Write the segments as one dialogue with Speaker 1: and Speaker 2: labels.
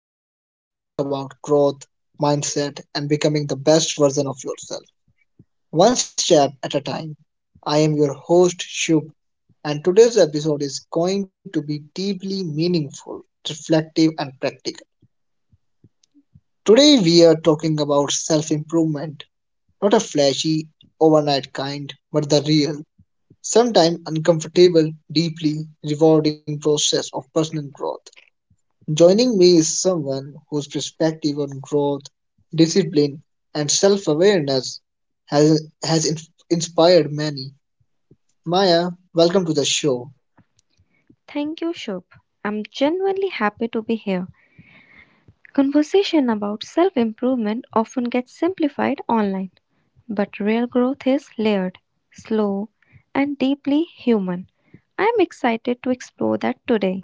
Speaker 1: podcast where we talk about growth, mindset, and becoming the best version of yourself, one step at a time. I am your host, Shub, and today's episode is going to be deeply meaningful, reflective, and practical. Today, we are talking about self improvement, not a flashy, overnight kind, but the real, sometimes uncomfortable, deeply rewarding process of personal growth. Joining me is someone whose perspective on growth, discipline, and self awareness has inspired many. Maya, welcome to the show.
Speaker 2: Thank you, Shubh. I'm genuinely happy to be here. Conversation about self improvement often gets simplified online, but real growth is layered, slow, and deeply human. I'm excited to explore that today.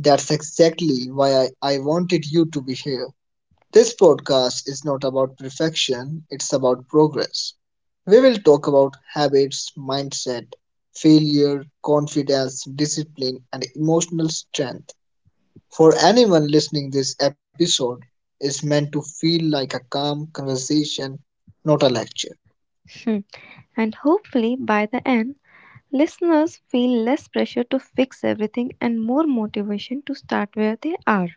Speaker 1: That's exactly why I wanted you to be here. This podcast is not about perfection, it's about progress. We will talk about habits, mindset, failure, confidence, discipline, and emotional strength. For anyone listening, this episode is meant to feel like a calm conversation, not a lecture.
Speaker 2: Hmm. And hopefully, by the end, listeners feel less pressure to fix everything and more motivation to start where they are.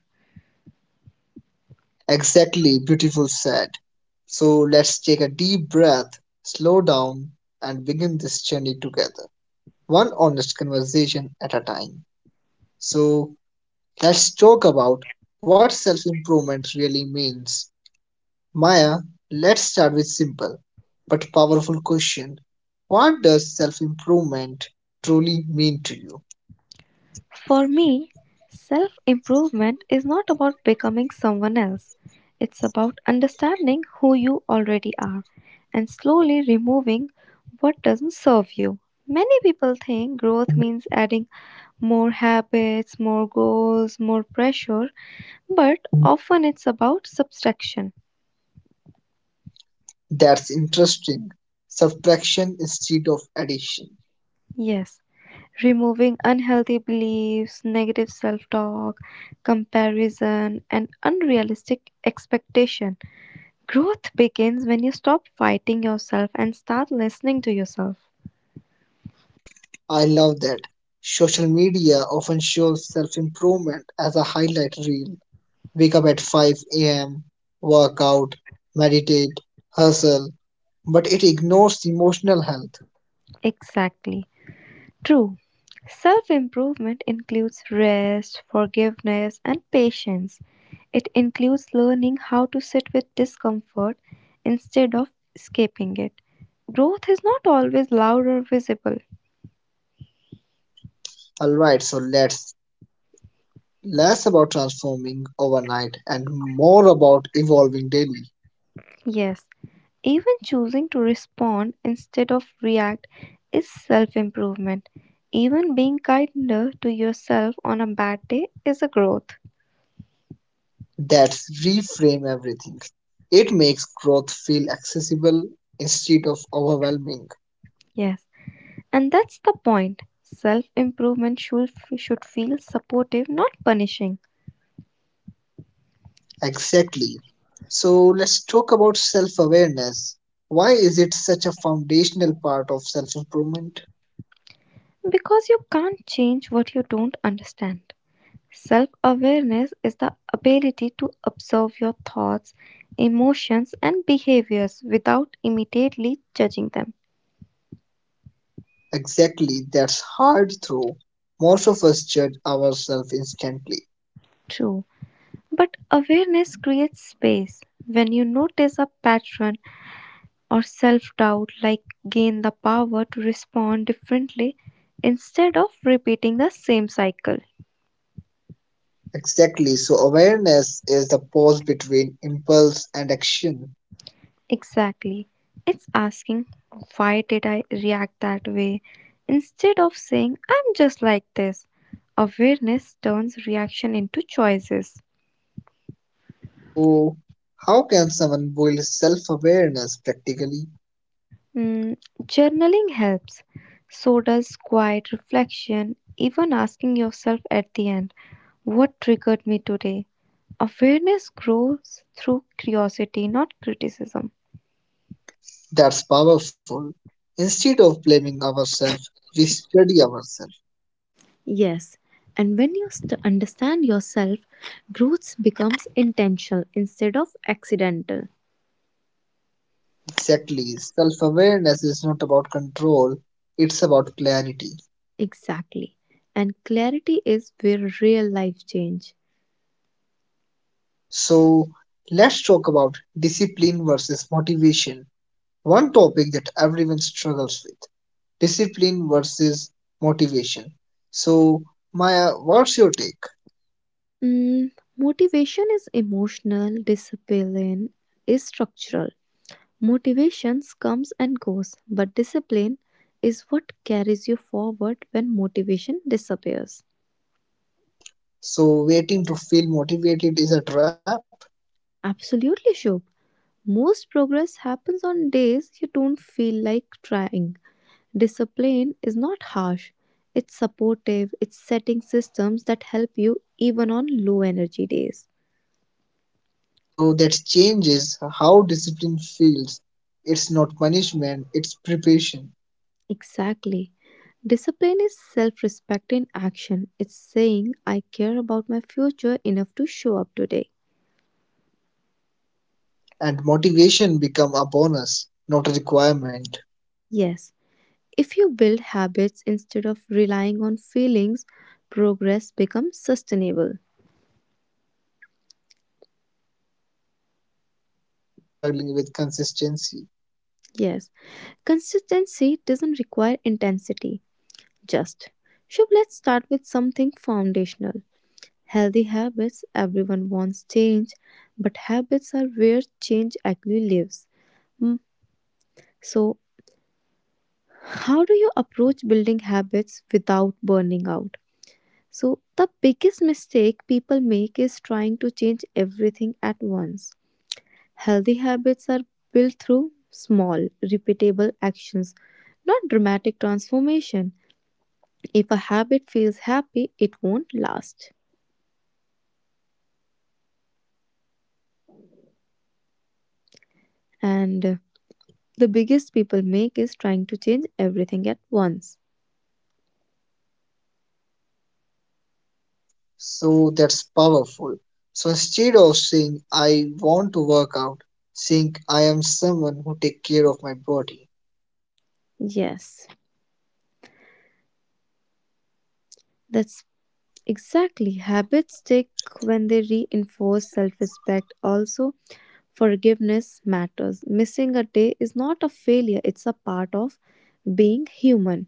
Speaker 1: Exactly, beautiful said. So let's take a deep breath, slow down, and begin this journey together, one honest conversation at a time. So let's talk about what self improvement really means. Maya, let's start with simple but powerful question. What does self improvement truly mean to you?
Speaker 2: For me, self improvement is not about becoming someone else. It's about understanding who you already are and slowly removing what doesn't serve you. Many people think growth means adding more habits, more goals, more pressure, but often it's about subtraction.
Speaker 1: That's interesting. Subtraction instead of addition.
Speaker 2: Yes, removing unhealthy beliefs, negative self talk, comparison, and unrealistic expectation. Growth begins when you stop fighting yourself and start listening to yourself.
Speaker 1: I love that. Social media often shows self improvement as a highlight reel. Wake up at 5 a.m., work out, meditate, hustle, but it ignores emotional health.
Speaker 2: Exactly. True. Self improvement includes rest, forgiveness, and patience. It includes learning how to sit with discomfort instead of escaping it. Growth is not always loud or visible.
Speaker 1: Alright, so let's less about transforming overnight and more about evolving daily.
Speaker 2: Yes, even choosing to respond instead of react is self improvement. Even being kinder to yourself on a bad day is a growth.
Speaker 1: That's reframe everything. It makes growth feel accessible instead of overwhelming.
Speaker 2: Yes, and that's the point. Self improvement should feel supportive, not punishing,
Speaker 1: Exactly. So let's talk about self awareness. Why is it such a foundational part of self improvement?
Speaker 2: because you can't change what you don't understand. Self awareness is the ability to observe your thoughts, emotions, and behaviors without immediately judging them.
Speaker 1: Exactly, that's hard through. Most of us judge ourselves instantly.
Speaker 2: True, but awareness creates space. When you notice a pattern or self doubt, like gain the power to respond differently instead of repeating the same cycle.
Speaker 1: Exactly, so awareness is the pause between impulse and action.
Speaker 2: Exactly. It's asking, why did I react that way? Instead of saying, I'm just like this. Awareness turns reaction into choices.
Speaker 1: So, how can someone build self awareness practically?
Speaker 2: Mm, Journaling helps. So does quiet reflection, even asking yourself at the end, what triggered me today? Awareness grows through curiosity, not criticism.
Speaker 1: That's powerful. Instead of blaming ourselves, we study ourselves.
Speaker 2: Yes, and when you understand yourself, growth becomes intentional instead of accidental.
Speaker 1: Exactly. Self awareness is not about control, it's about clarity.
Speaker 2: Exactly. And clarity is where real life change.
Speaker 1: So, let's talk about discipline versus motivation, one topic that everyone struggles with. Discipline versus motivation. So, Maya, what's your take?
Speaker 2: Mm, Motivation is emotional, discipline is structural. Motivations comes and goes, but discipline is what carries you forward when motivation disappears.
Speaker 1: So, waiting to feel motivated is a trap.
Speaker 2: Absolutely, Shubh. Most progress happens on days you don't feel like trying. Discipline is not harsh, it's supportive, it's setting systems that help you even on low energy days.
Speaker 1: So, that changes how discipline feels. It's not punishment, it's preparation.
Speaker 2: Exactly. Discipline is self respect in action. It's saying, I care about my future enough to show up today.
Speaker 1: And motivation become a bonus, not a requirement.
Speaker 2: Yes, if you build habits instead of relying on feelings, progress becomes sustainable.
Speaker 1: That's reassuring for anyone struggling with consistency.
Speaker 2: Yes, consistency doesn't require intensity, just. Shub, let's start with something foundational. Healthy habits, everyone wants change, but habits are where change actually lives. Mm, So, how do you approach building habits without burning out? So, the biggest mistake people make is trying to change everything at once. Healthy habits are built through small, repeatable actions, not dramatic transformation. If a habit feels happy, it won't last.
Speaker 1: Well said, Maya. So, consistency over intensity.
Speaker 2: And the biggest people make is trying to change everything at once.
Speaker 1: So, that's powerful. So, instead of saying, I want to work out, saying, I am someone who take care of my body.
Speaker 2: Yes, that's exactly. Habits stick when they reinforce self respect. Also, forgiveness matters. Missing a day is not a failure, it's a part of being human.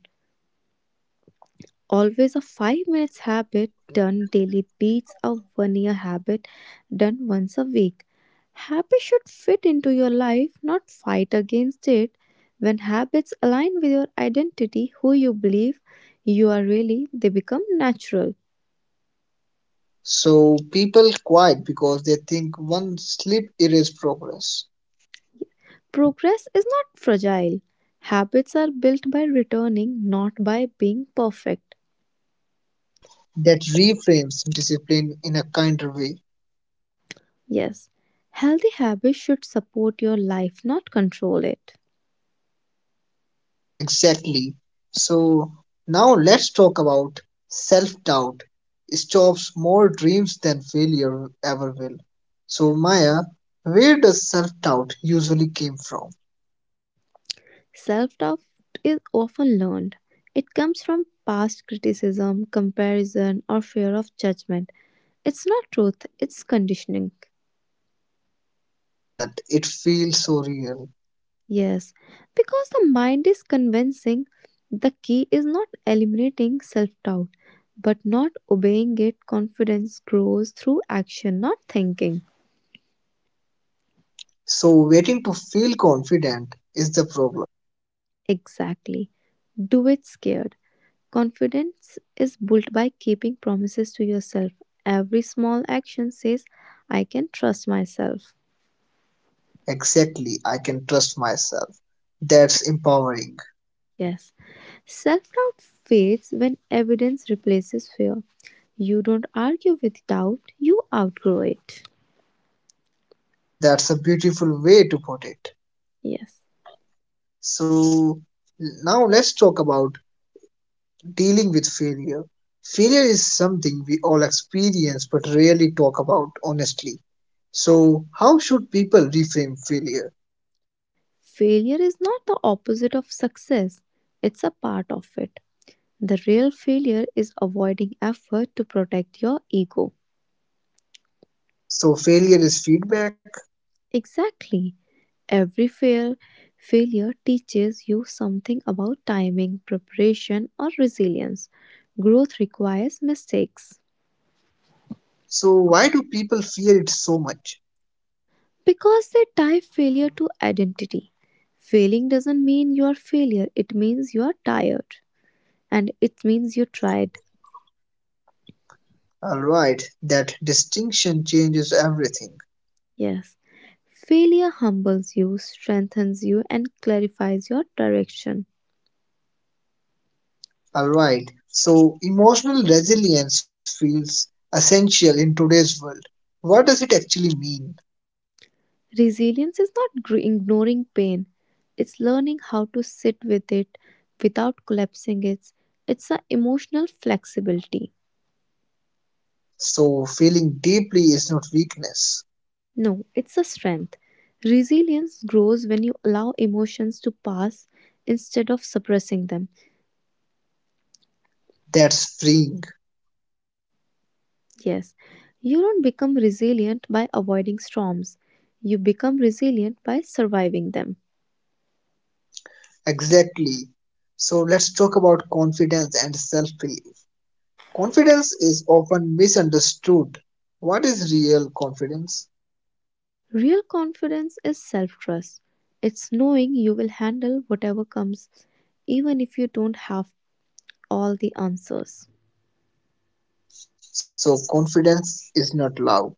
Speaker 2: Always a 5 minutes habit done daily beats a one year habit done once a week. Habits should fit into your life, not fight against it. When habits align with your identity, who you believe you are really, they become natural.
Speaker 1: So, people quiet because they think one slip erases progress.
Speaker 2: Progress is not fragile. Habits are built by returning, not by being perfect.
Speaker 1: That reframes discipline in a kinder way.
Speaker 2: Yes, healthy habits should support your life, not control it.
Speaker 1: Exactly. So now let's talk about self doubt. Stops more dreams than failure ever will. So, Maya, where does self doubt usually came from?
Speaker 2: Self doubt is often learned. It comes from past criticism, comparison, or fear of judgment. It's not truth, it's conditioning.
Speaker 1: Yet it feels so real.
Speaker 2: Yes, because the mind is convincing, the key is not eliminating self doubt, but not obeying it. Confidence grows through action, not thinking.
Speaker 1: So, waiting to feel confident is the problem.
Speaker 2: Exactly. Do it scared. Confidence is built by keeping promises to yourself. Every small action says, I can trust myself.
Speaker 1: Exactly, I can trust myself. That's empowering.
Speaker 2: Yes. Self doubt fades when evidence replaces fear. You don't argue with doubt, you outgrow it.
Speaker 1: That's a beautiful way to put it.
Speaker 2: Yes.
Speaker 1: So, now let's talk about dealing with failure. Failure is something we all experience but rarely talk about honestly. So, how should people reframe failure?
Speaker 2: Failure is not the opposite of success, it's a part of it. The real failure is avoiding effort to protect your ego.
Speaker 1: So, failure is feedback.
Speaker 2: Exactly. Every failure teaches you something about timing, preparation, or resilience. Growth requires mistakes
Speaker 1: So, why do people fear it so much?
Speaker 2: because they tie failure to identity. Failing doesn't mean you are failure, it means you are tired and it means you tried.
Speaker 1: Alright, that distinction changes everything.
Speaker 2: Yes. Failure humbles you, strengthens you, and clarifies your direction.
Speaker 1: Alright, so emotional resilience feels essential in today's world. What does it actually mean?
Speaker 2: Resilience is not ignoring pain, it's learning how to sit with it without collapsing it. It's an emotional flexibility.
Speaker 1: So, feeling deeply is not weakness,
Speaker 2: No, it's a strength. Resilience grows when you allow emotions to pass instead of suppressing them.
Speaker 1: that's freeing.
Speaker 2: Yes, you don't become resilient by avoiding storms, you become resilient by surviving them.
Speaker 1: Exactly. So let's talk about confidence and self belief. Confidence is often misunderstood. What is real confidence?
Speaker 2: Real confidence is self trust. It's knowing you will handle whatever comes, even if you don't have all the answers.
Speaker 1: So, confidence is not loud,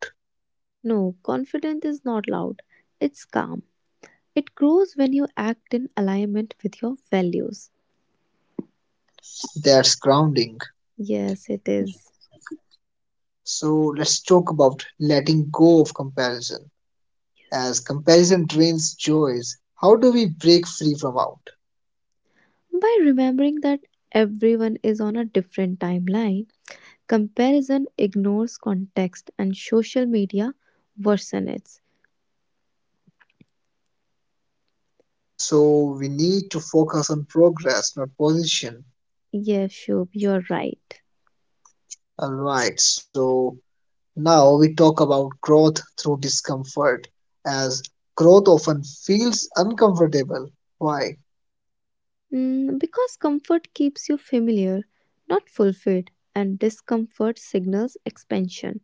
Speaker 2: No, confidence is not loud, it's calm. It grows when you act in alignment with your values.
Speaker 1: that's grounding.
Speaker 2: Yes, it is.
Speaker 1: So, let's talk about letting go of comparison.
Speaker 2: Yes.
Speaker 1: As comparison drains joys, how do we break free from out?
Speaker 2: By remembering that everyone is on a different timeline, comparison ignores context and social media worsens it.
Speaker 1: So, we need to focus on progress, not position.
Speaker 2: Yes, Shubh, you're right.
Speaker 1: Alright, so Now we talk about growth through discomfort, as growth often feels uncomfortable. Why?
Speaker 2: Because comfort keeps you familiar, not fulfilled, and discomfort signals expansion.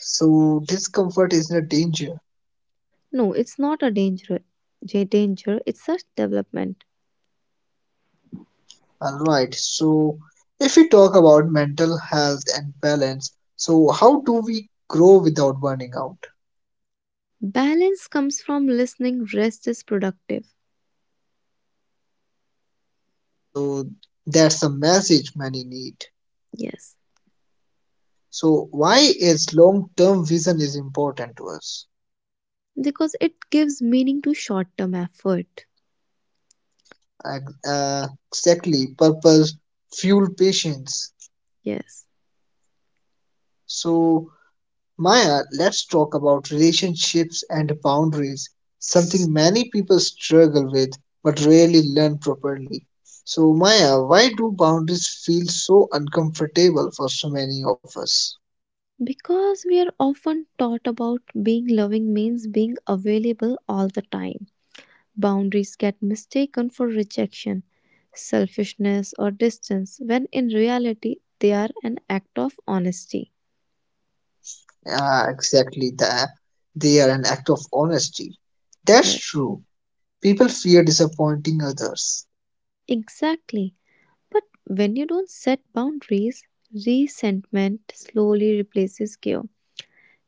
Speaker 1: So, discomfort isn't a danger.
Speaker 2: No, it's not a danger. Danger, it's such development.
Speaker 1: Alright, so if we talk about mental health and balance, so how do we grow without burning out?
Speaker 2: Balance comes from listening, rest is productive.
Speaker 1: So, that's a message many need.
Speaker 2: Yes.
Speaker 1: So, why is long term vision is important to us?
Speaker 2: Because it gives meaning to short term effort.
Speaker 1: Exactly, purpose, fuel, patience.
Speaker 2: Yes.
Speaker 1: So, Maya, let's talk about relationships and boundaries, something many people struggle with but rarely learn properly. So, Maya, why do boundaries feel so uncomfortable for so many of us?
Speaker 2: Because we are often taught about being loving means being available all the time. Boundaries get mistaken for rejection, selfishness, or distance, when in reality they are an act of honesty.
Speaker 1: Ah, exactly that. They are an act of honesty. That's
Speaker 2: Yes.
Speaker 1: true. People fear disappointing others.
Speaker 2: Exactly. But when you don't set boundaries, resentment slowly replaces care.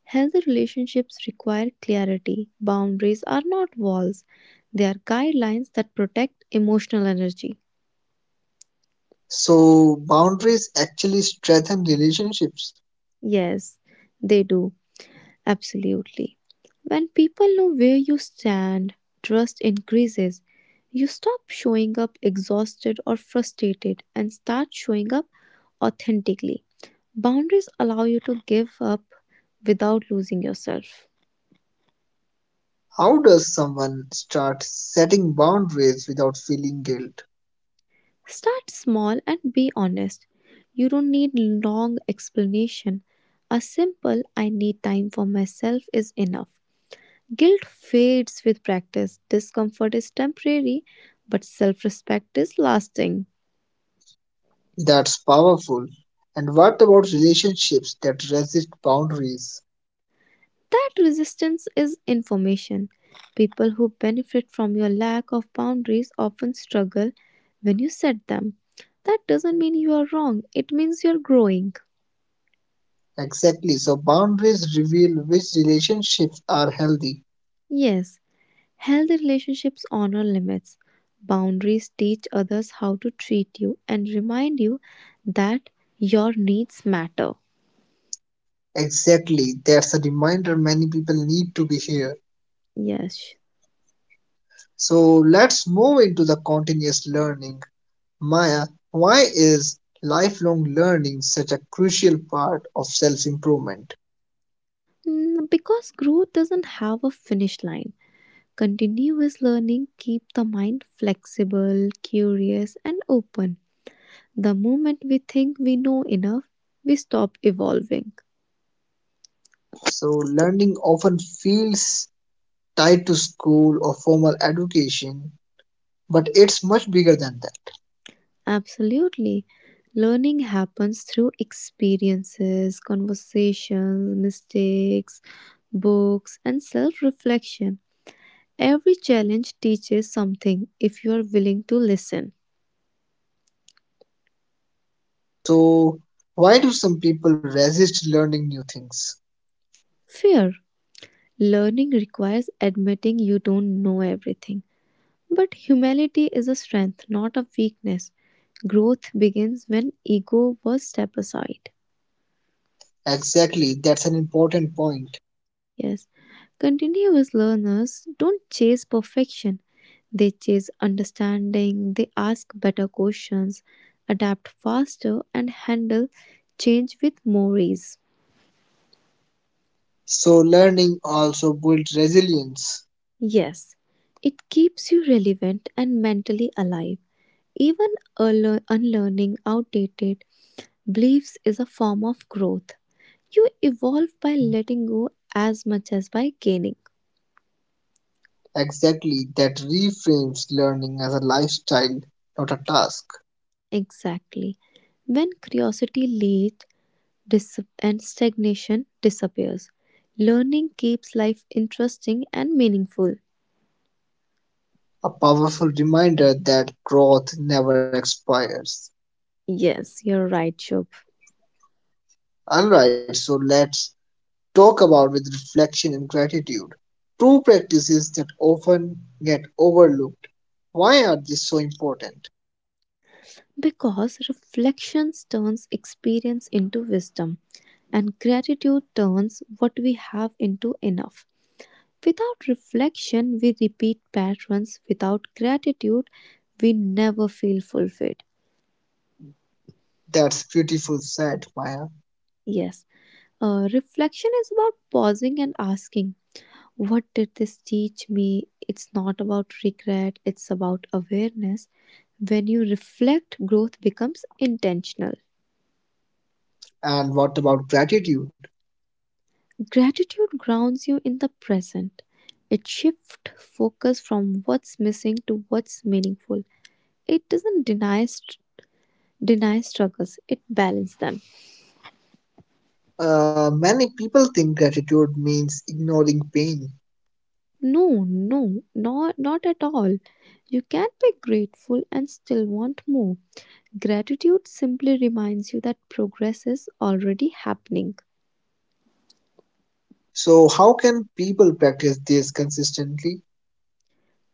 Speaker 2: Healthy relationships require clarity. Boundaries are not walls, they are guidelines that protect emotional energy.
Speaker 1: So, boundaries actually strengthen relationships.
Speaker 2: Yes, they do. Absolutely. When people know where you stand, trust increases. You stop showing up exhausted or frustrated and start showing up authentically. Boundaries allow you to give up without losing yourself.
Speaker 1: How does someone start setting boundaries without feeling guilt?
Speaker 2: Start small and be honest. You don't need long explanation. A simple I need time for myself is enough. Guilt fades with practice. Discomfort is temporary, but self respect is lasting.
Speaker 1: That's powerful. And what about relationships that resist boundaries?
Speaker 2: That resistance is information. People who benefit from your lack of boundaries often struggle when you set them. That doesn't mean you are wrong, it means you're growing.
Speaker 1: Exactly. So boundaries reveal which relationships are healthy.
Speaker 2: Yes, healthy relationships honor limits. Boundaries teach others how to treat you and remind you that your needs matter.
Speaker 1: Exactly. That's a reminder many people need to be here.
Speaker 2: Yes.
Speaker 1: So let's move into the continuous learning. Maya, why is lifelong learning such a crucial part of self-improvement?
Speaker 2: Because growth doesn't have a finish line. Continuous learning keep the mind flexible, curious and open. The moment we think we know enough, we stop evolving.
Speaker 1: So learning often feels tied to school or formal education, but it's much bigger than that.
Speaker 2: Absolutely. Learning happens through experiences, conversations, mistakes, books and self-reflection. Every challenge teaches something if you are willing to listen.
Speaker 1: So, why do some people resist learning new things?
Speaker 2: Fear. Learning requires admitting you don't know everything. But humility is a strength, not a weakness. Growth begins when ego was step aside.
Speaker 1: Exactly, that's an important point.
Speaker 2: Yes. Continuous learners don't chase perfection. They chase understanding, they ask better questions, adapt faster, and handle change with more ease.
Speaker 1: So, learning also builds resilience.
Speaker 2: Yes, it keeps you relevant and mentally alive. Even unlearning outdated beliefs is a form of growth. You evolve by letting go as much as by gaining.
Speaker 1: Exactly, that reframes learning as a lifestyle, not a task.
Speaker 2: Exactly. When curiosity leads and stagnation disappears, learning keeps life interesting and meaningful.
Speaker 1: A powerful reminder that growth never expires.
Speaker 2: Yes, you're right, Shubh.
Speaker 1: Alright, so let's talk about with reflection and gratitude. Two practices that often get overlooked. Why are these so important?
Speaker 2: Because reflections turns experience into wisdom, and gratitude turns what we have into enough. Without reflection, we repeat patterns. Without gratitude, we never feel fulfilled.
Speaker 1: That's beautiful said, Maya.
Speaker 2: Yes, reflection is about pausing and asking, what did this teach me? It's not about regret, it's about awareness. When you reflect, growth becomes intentional.
Speaker 1: And what about gratitude?
Speaker 2: Gratitude grounds you in the present. It shifts focus from what's missing to what's meaningful. It doesn't deny struggles, it balances them.
Speaker 1: Many people think gratitude means ignoring pain.
Speaker 2: No, no, not at all. You can be grateful and still want more. Gratitude simply reminds you that progress is already happening.
Speaker 1: So, how can people practice this consistently?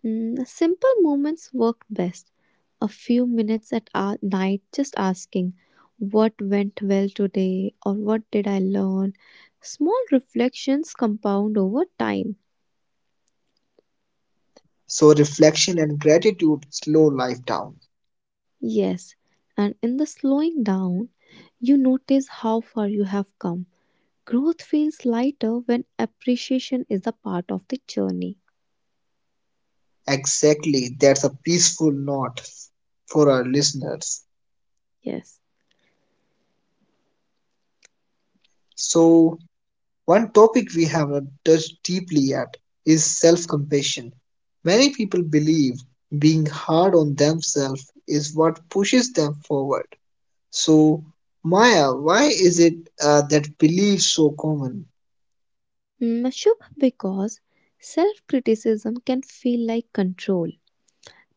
Speaker 2: Simple moments work best. A few minutes at night just asking, what went well today? Or what did I learn? Small reflections compound over time.
Speaker 1: So, reflection and gratitude slow life down.
Speaker 2: Yes, and in the slowing down, you notice how far you have come. Growth feels lighter when appreciation is a part of the journey.
Speaker 1: Exactly, that's a peaceful note for our listeners.
Speaker 2: Yes.
Speaker 1: So, one topic we have not touched deeply yet is self compassion. Many people believe being hard on themselves is what pushes them forward. So, Maya, why is it that belief so common?
Speaker 2: Shubh, because self criticism can feel like control.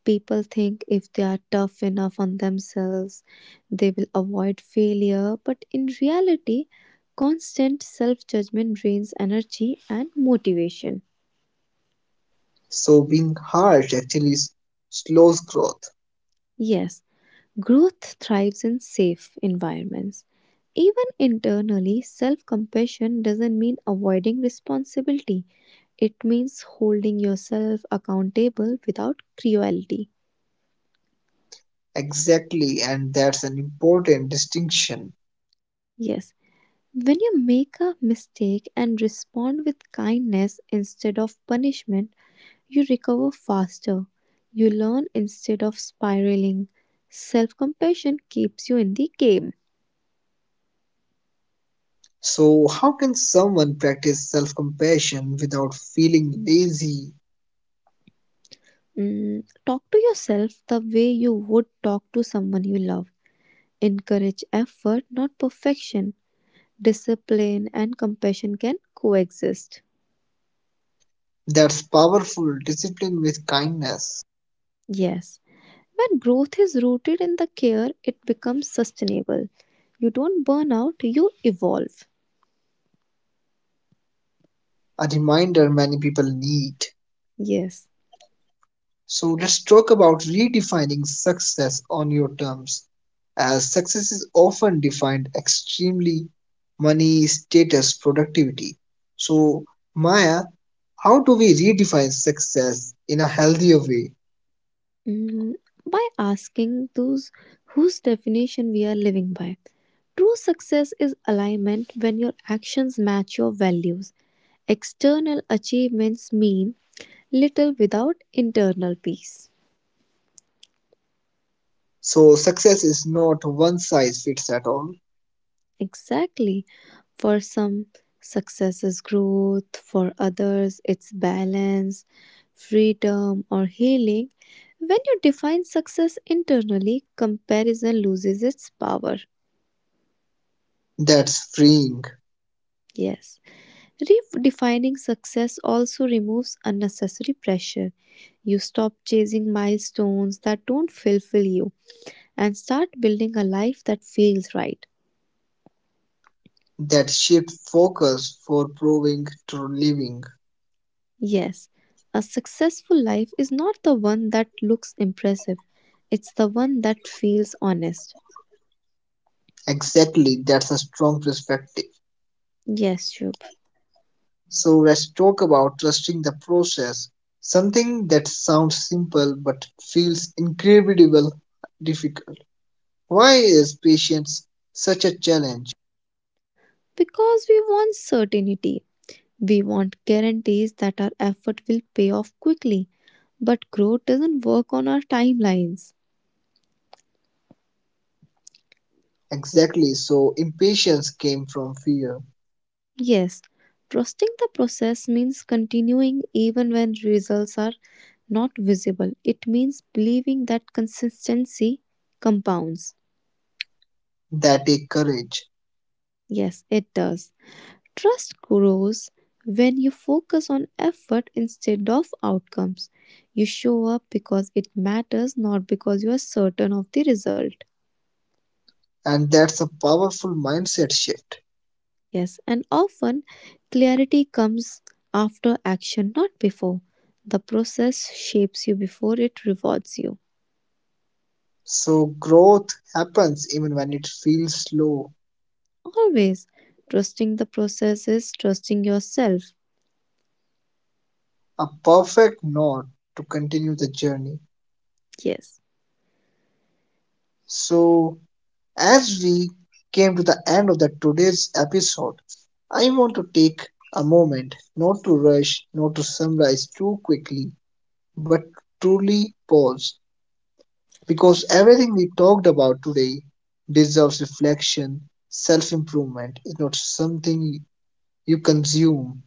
Speaker 2: People think if they are tough enough on themselves, they will avoid failure, but in reality, constant self judgment drains energy and motivation.
Speaker 1: So, being harsh actually slows growth.
Speaker 2: Yes, growth thrives in safe environments. Even internally, self compassion doesn't mean avoiding responsibility, it means holding yourself accountable without cruelty.
Speaker 1: Exactly, and that's an important distinction.
Speaker 2: Yes, when you make a mistake and respond with kindness instead of punishment, you recover faster. You learn instead of spiraling. Self compassion keeps you in the game.
Speaker 1: So, how can someone practice self compassion without feeling lazy?
Speaker 2: Talk to yourself the way you would talk to someone you love. Encourage effort, not perfection. Discipline and compassion can coexist.
Speaker 1: That's powerful discipline with kindness.
Speaker 2: Yes. When growth is rooted in the care, it becomes sustainable. You don't burn out, you evolve.
Speaker 1: A reminder many people need.
Speaker 2: Yes.
Speaker 1: So let's talk about redefining success on your terms, as success is often defined extremely money, status, productivity. So, Maya, how do we redefine success in a healthier way?
Speaker 2: Mm, by asking those whose definition we are living by. True success is alignment when your actions match your values. External achievements mean little without internal peace.
Speaker 1: So, success is not one size fits at all.
Speaker 2: Exactly. For some, success is growth, for others, it's balance, freedom, or healing. When you define success internally, comparison loses its power.
Speaker 1: That's freeing.
Speaker 2: Yes. Redefining success also removes unnecessary pressure. You stop chasing milestones that don't fulfill you and start building a life that feels right.
Speaker 1: That shift focus for proving to living.
Speaker 2: Yes, a successful life is not the one that looks impressive, it's the one that feels honest.
Speaker 1: Exactly, that's a strong perspective.
Speaker 2: Yes, Shubh.
Speaker 1: So let's talk about trusting the process. Something that sounds simple but feels incredibly difficult. Why is patience such a challenge?
Speaker 2: Because we want certainty. We want guarantees that our effort will pay off quickly. But growth doesn't work on our timelines.
Speaker 1: Exactly, so impatience came from fear.
Speaker 2: Yes, trusting the process means continuing even when results are not visible. It means believing that consistency compounds.
Speaker 1: That takes courage,
Speaker 2: Yes, it does. Trust grows when you focus on effort instead of outcomes. You show up because it matters, not because you are certain of the result.
Speaker 1: and that's a powerful mindset shift.
Speaker 2: Yes, and often clarity comes after action, not before. The process shapes you before it rewards you.
Speaker 1: So growth happens even when it feels slow.
Speaker 2: Always trusting the process is trusting yourself.
Speaker 1: A perfect nod to continue the journey.
Speaker 2: Yes,
Speaker 1: So as we came to the end of the today's episode, I want to take a moment not to rush, not to summarize too quickly, but truly pause because everything we talked about today deserves reflection. Self improvement is not something you consume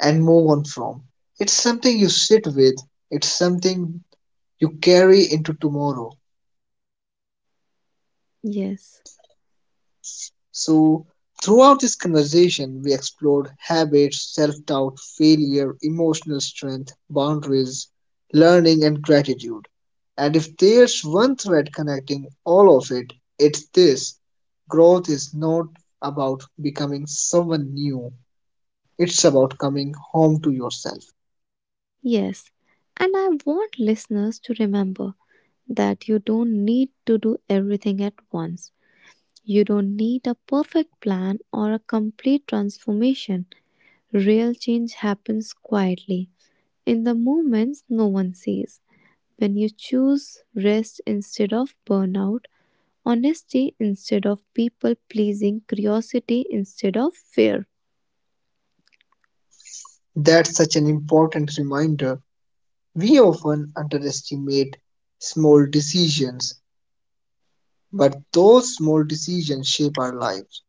Speaker 1: and move on from, it's something you sit with, it's something you carry into tomorrow.
Speaker 2: yes,
Speaker 1: So, throughout this conversation, we explored habits, self doubt, failure, emotional strength, boundaries, learning, and gratitude. And if there's one thread connecting all of it, it's this: growth is not about becoming someone new, it's about coming home to yourself.
Speaker 2: yes. And I want listeners to remember that you don't need to do everything at once. You don't need a perfect plan or a complete transformation. Real change happens quietly, in the moments no one sees. When you choose rest instead of burnout, honesty instead of people pleasing, curiosity instead of fear.
Speaker 1: That's such an important reminder. We often underestimate small decisions, but those small decisions shape our lives.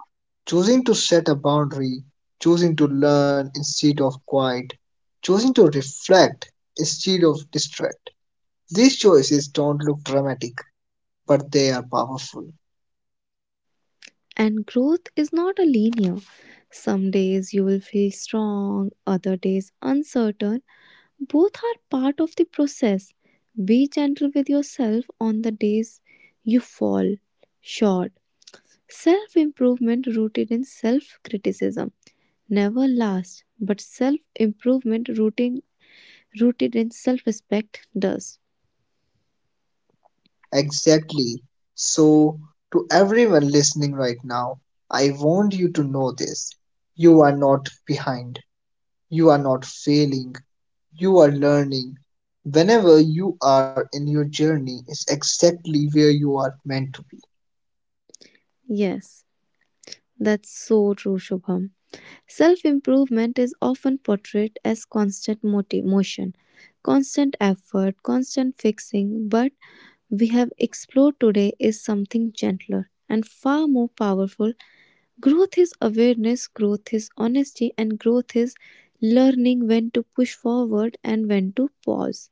Speaker 1: Choosing to set a boundary, choosing to learn instead of quiet, choosing to reflect instead of distract. These choices don't look dramatic, but they are powerful.
Speaker 2: And growth is not a linear. Some days you will feel strong, other days uncertain. Both are part of the process. Be gentle with yourself on the days you fall short. Self improvement rooted in self criticism never lasts, but self improvement rooted in self respect does.
Speaker 1: Exactly. So, to everyone listening right now, I want you to know this. You are not behind. You are not failing. You are learning. Whenever you are in your journey is exactly where you are meant to be.
Speaker 2: Yes, that's so true, Shubham. Self improvement is often portrayed as constant motion, constant effort, constant fixing, but we have explored today is something gentler and far more powerful. Growth is awareness, growth is honesty, and growth is learning when to push forward and when to pause.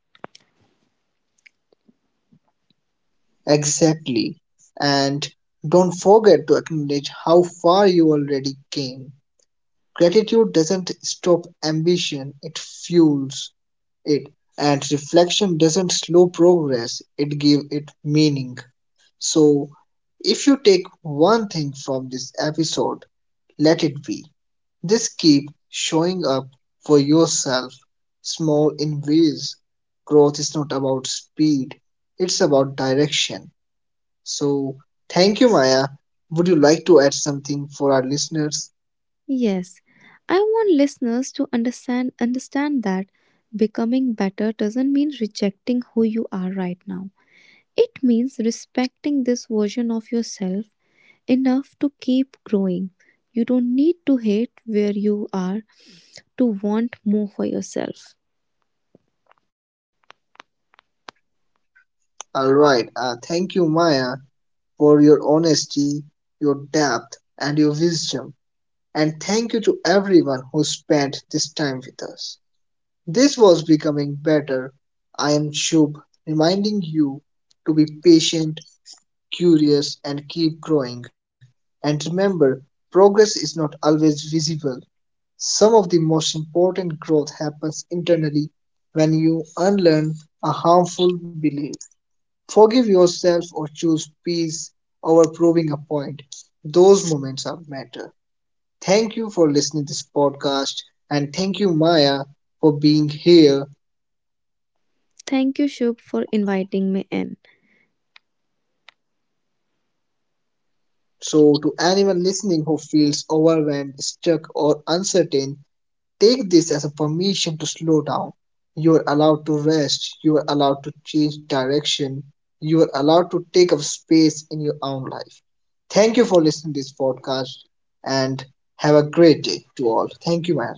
Speaker 1: Exactly. And don't forget to acknowledge how far you already came. Gratitude doesn't stop ambition, it fuels it. And reflection doesn't slow progress, it gives it meaning. So, if you take one thing from this episode, let it be: just keep showing up for yourself, small in ways. Growth is not about speed, it's about direction. So, thank you, Maya. Would you like to add something for our listeners?
Speaker 2: Yes, I want listeners to understand that becoming better doesn't mean rejecting who you are right now. It means respecting this version of yourself enough to keep growing. You don't need to hate where you are to want more for yourself.
Speaker 1: All right. Thank you, Maya, for your honesty, your depth, and your wisdom. And thank you to everyone who spent this time with us. This was Becoming Better. I am Shub, reminding you to be patient, curious, and keep growing. And remember, progress is not always visible. Some of the most important growth happens internally when you unlearn a harmful belief. Forgive yourself or choose peace over proving a point. Those moments are matter. Thank you for listening to this podcast and thank you Maya for being here.
Speaker 2: Thank you, Shubh, for inviting me in.
Speaker 1: So to anyone listening who feels overwhelmed, stuck or uncertain, take this as a permission to slow down. You are allowed to rest. You are allowed to change direction. You are allowed to take up space in your own life. Thank you for listening to this podcast and have a great day to all. Thank you, man.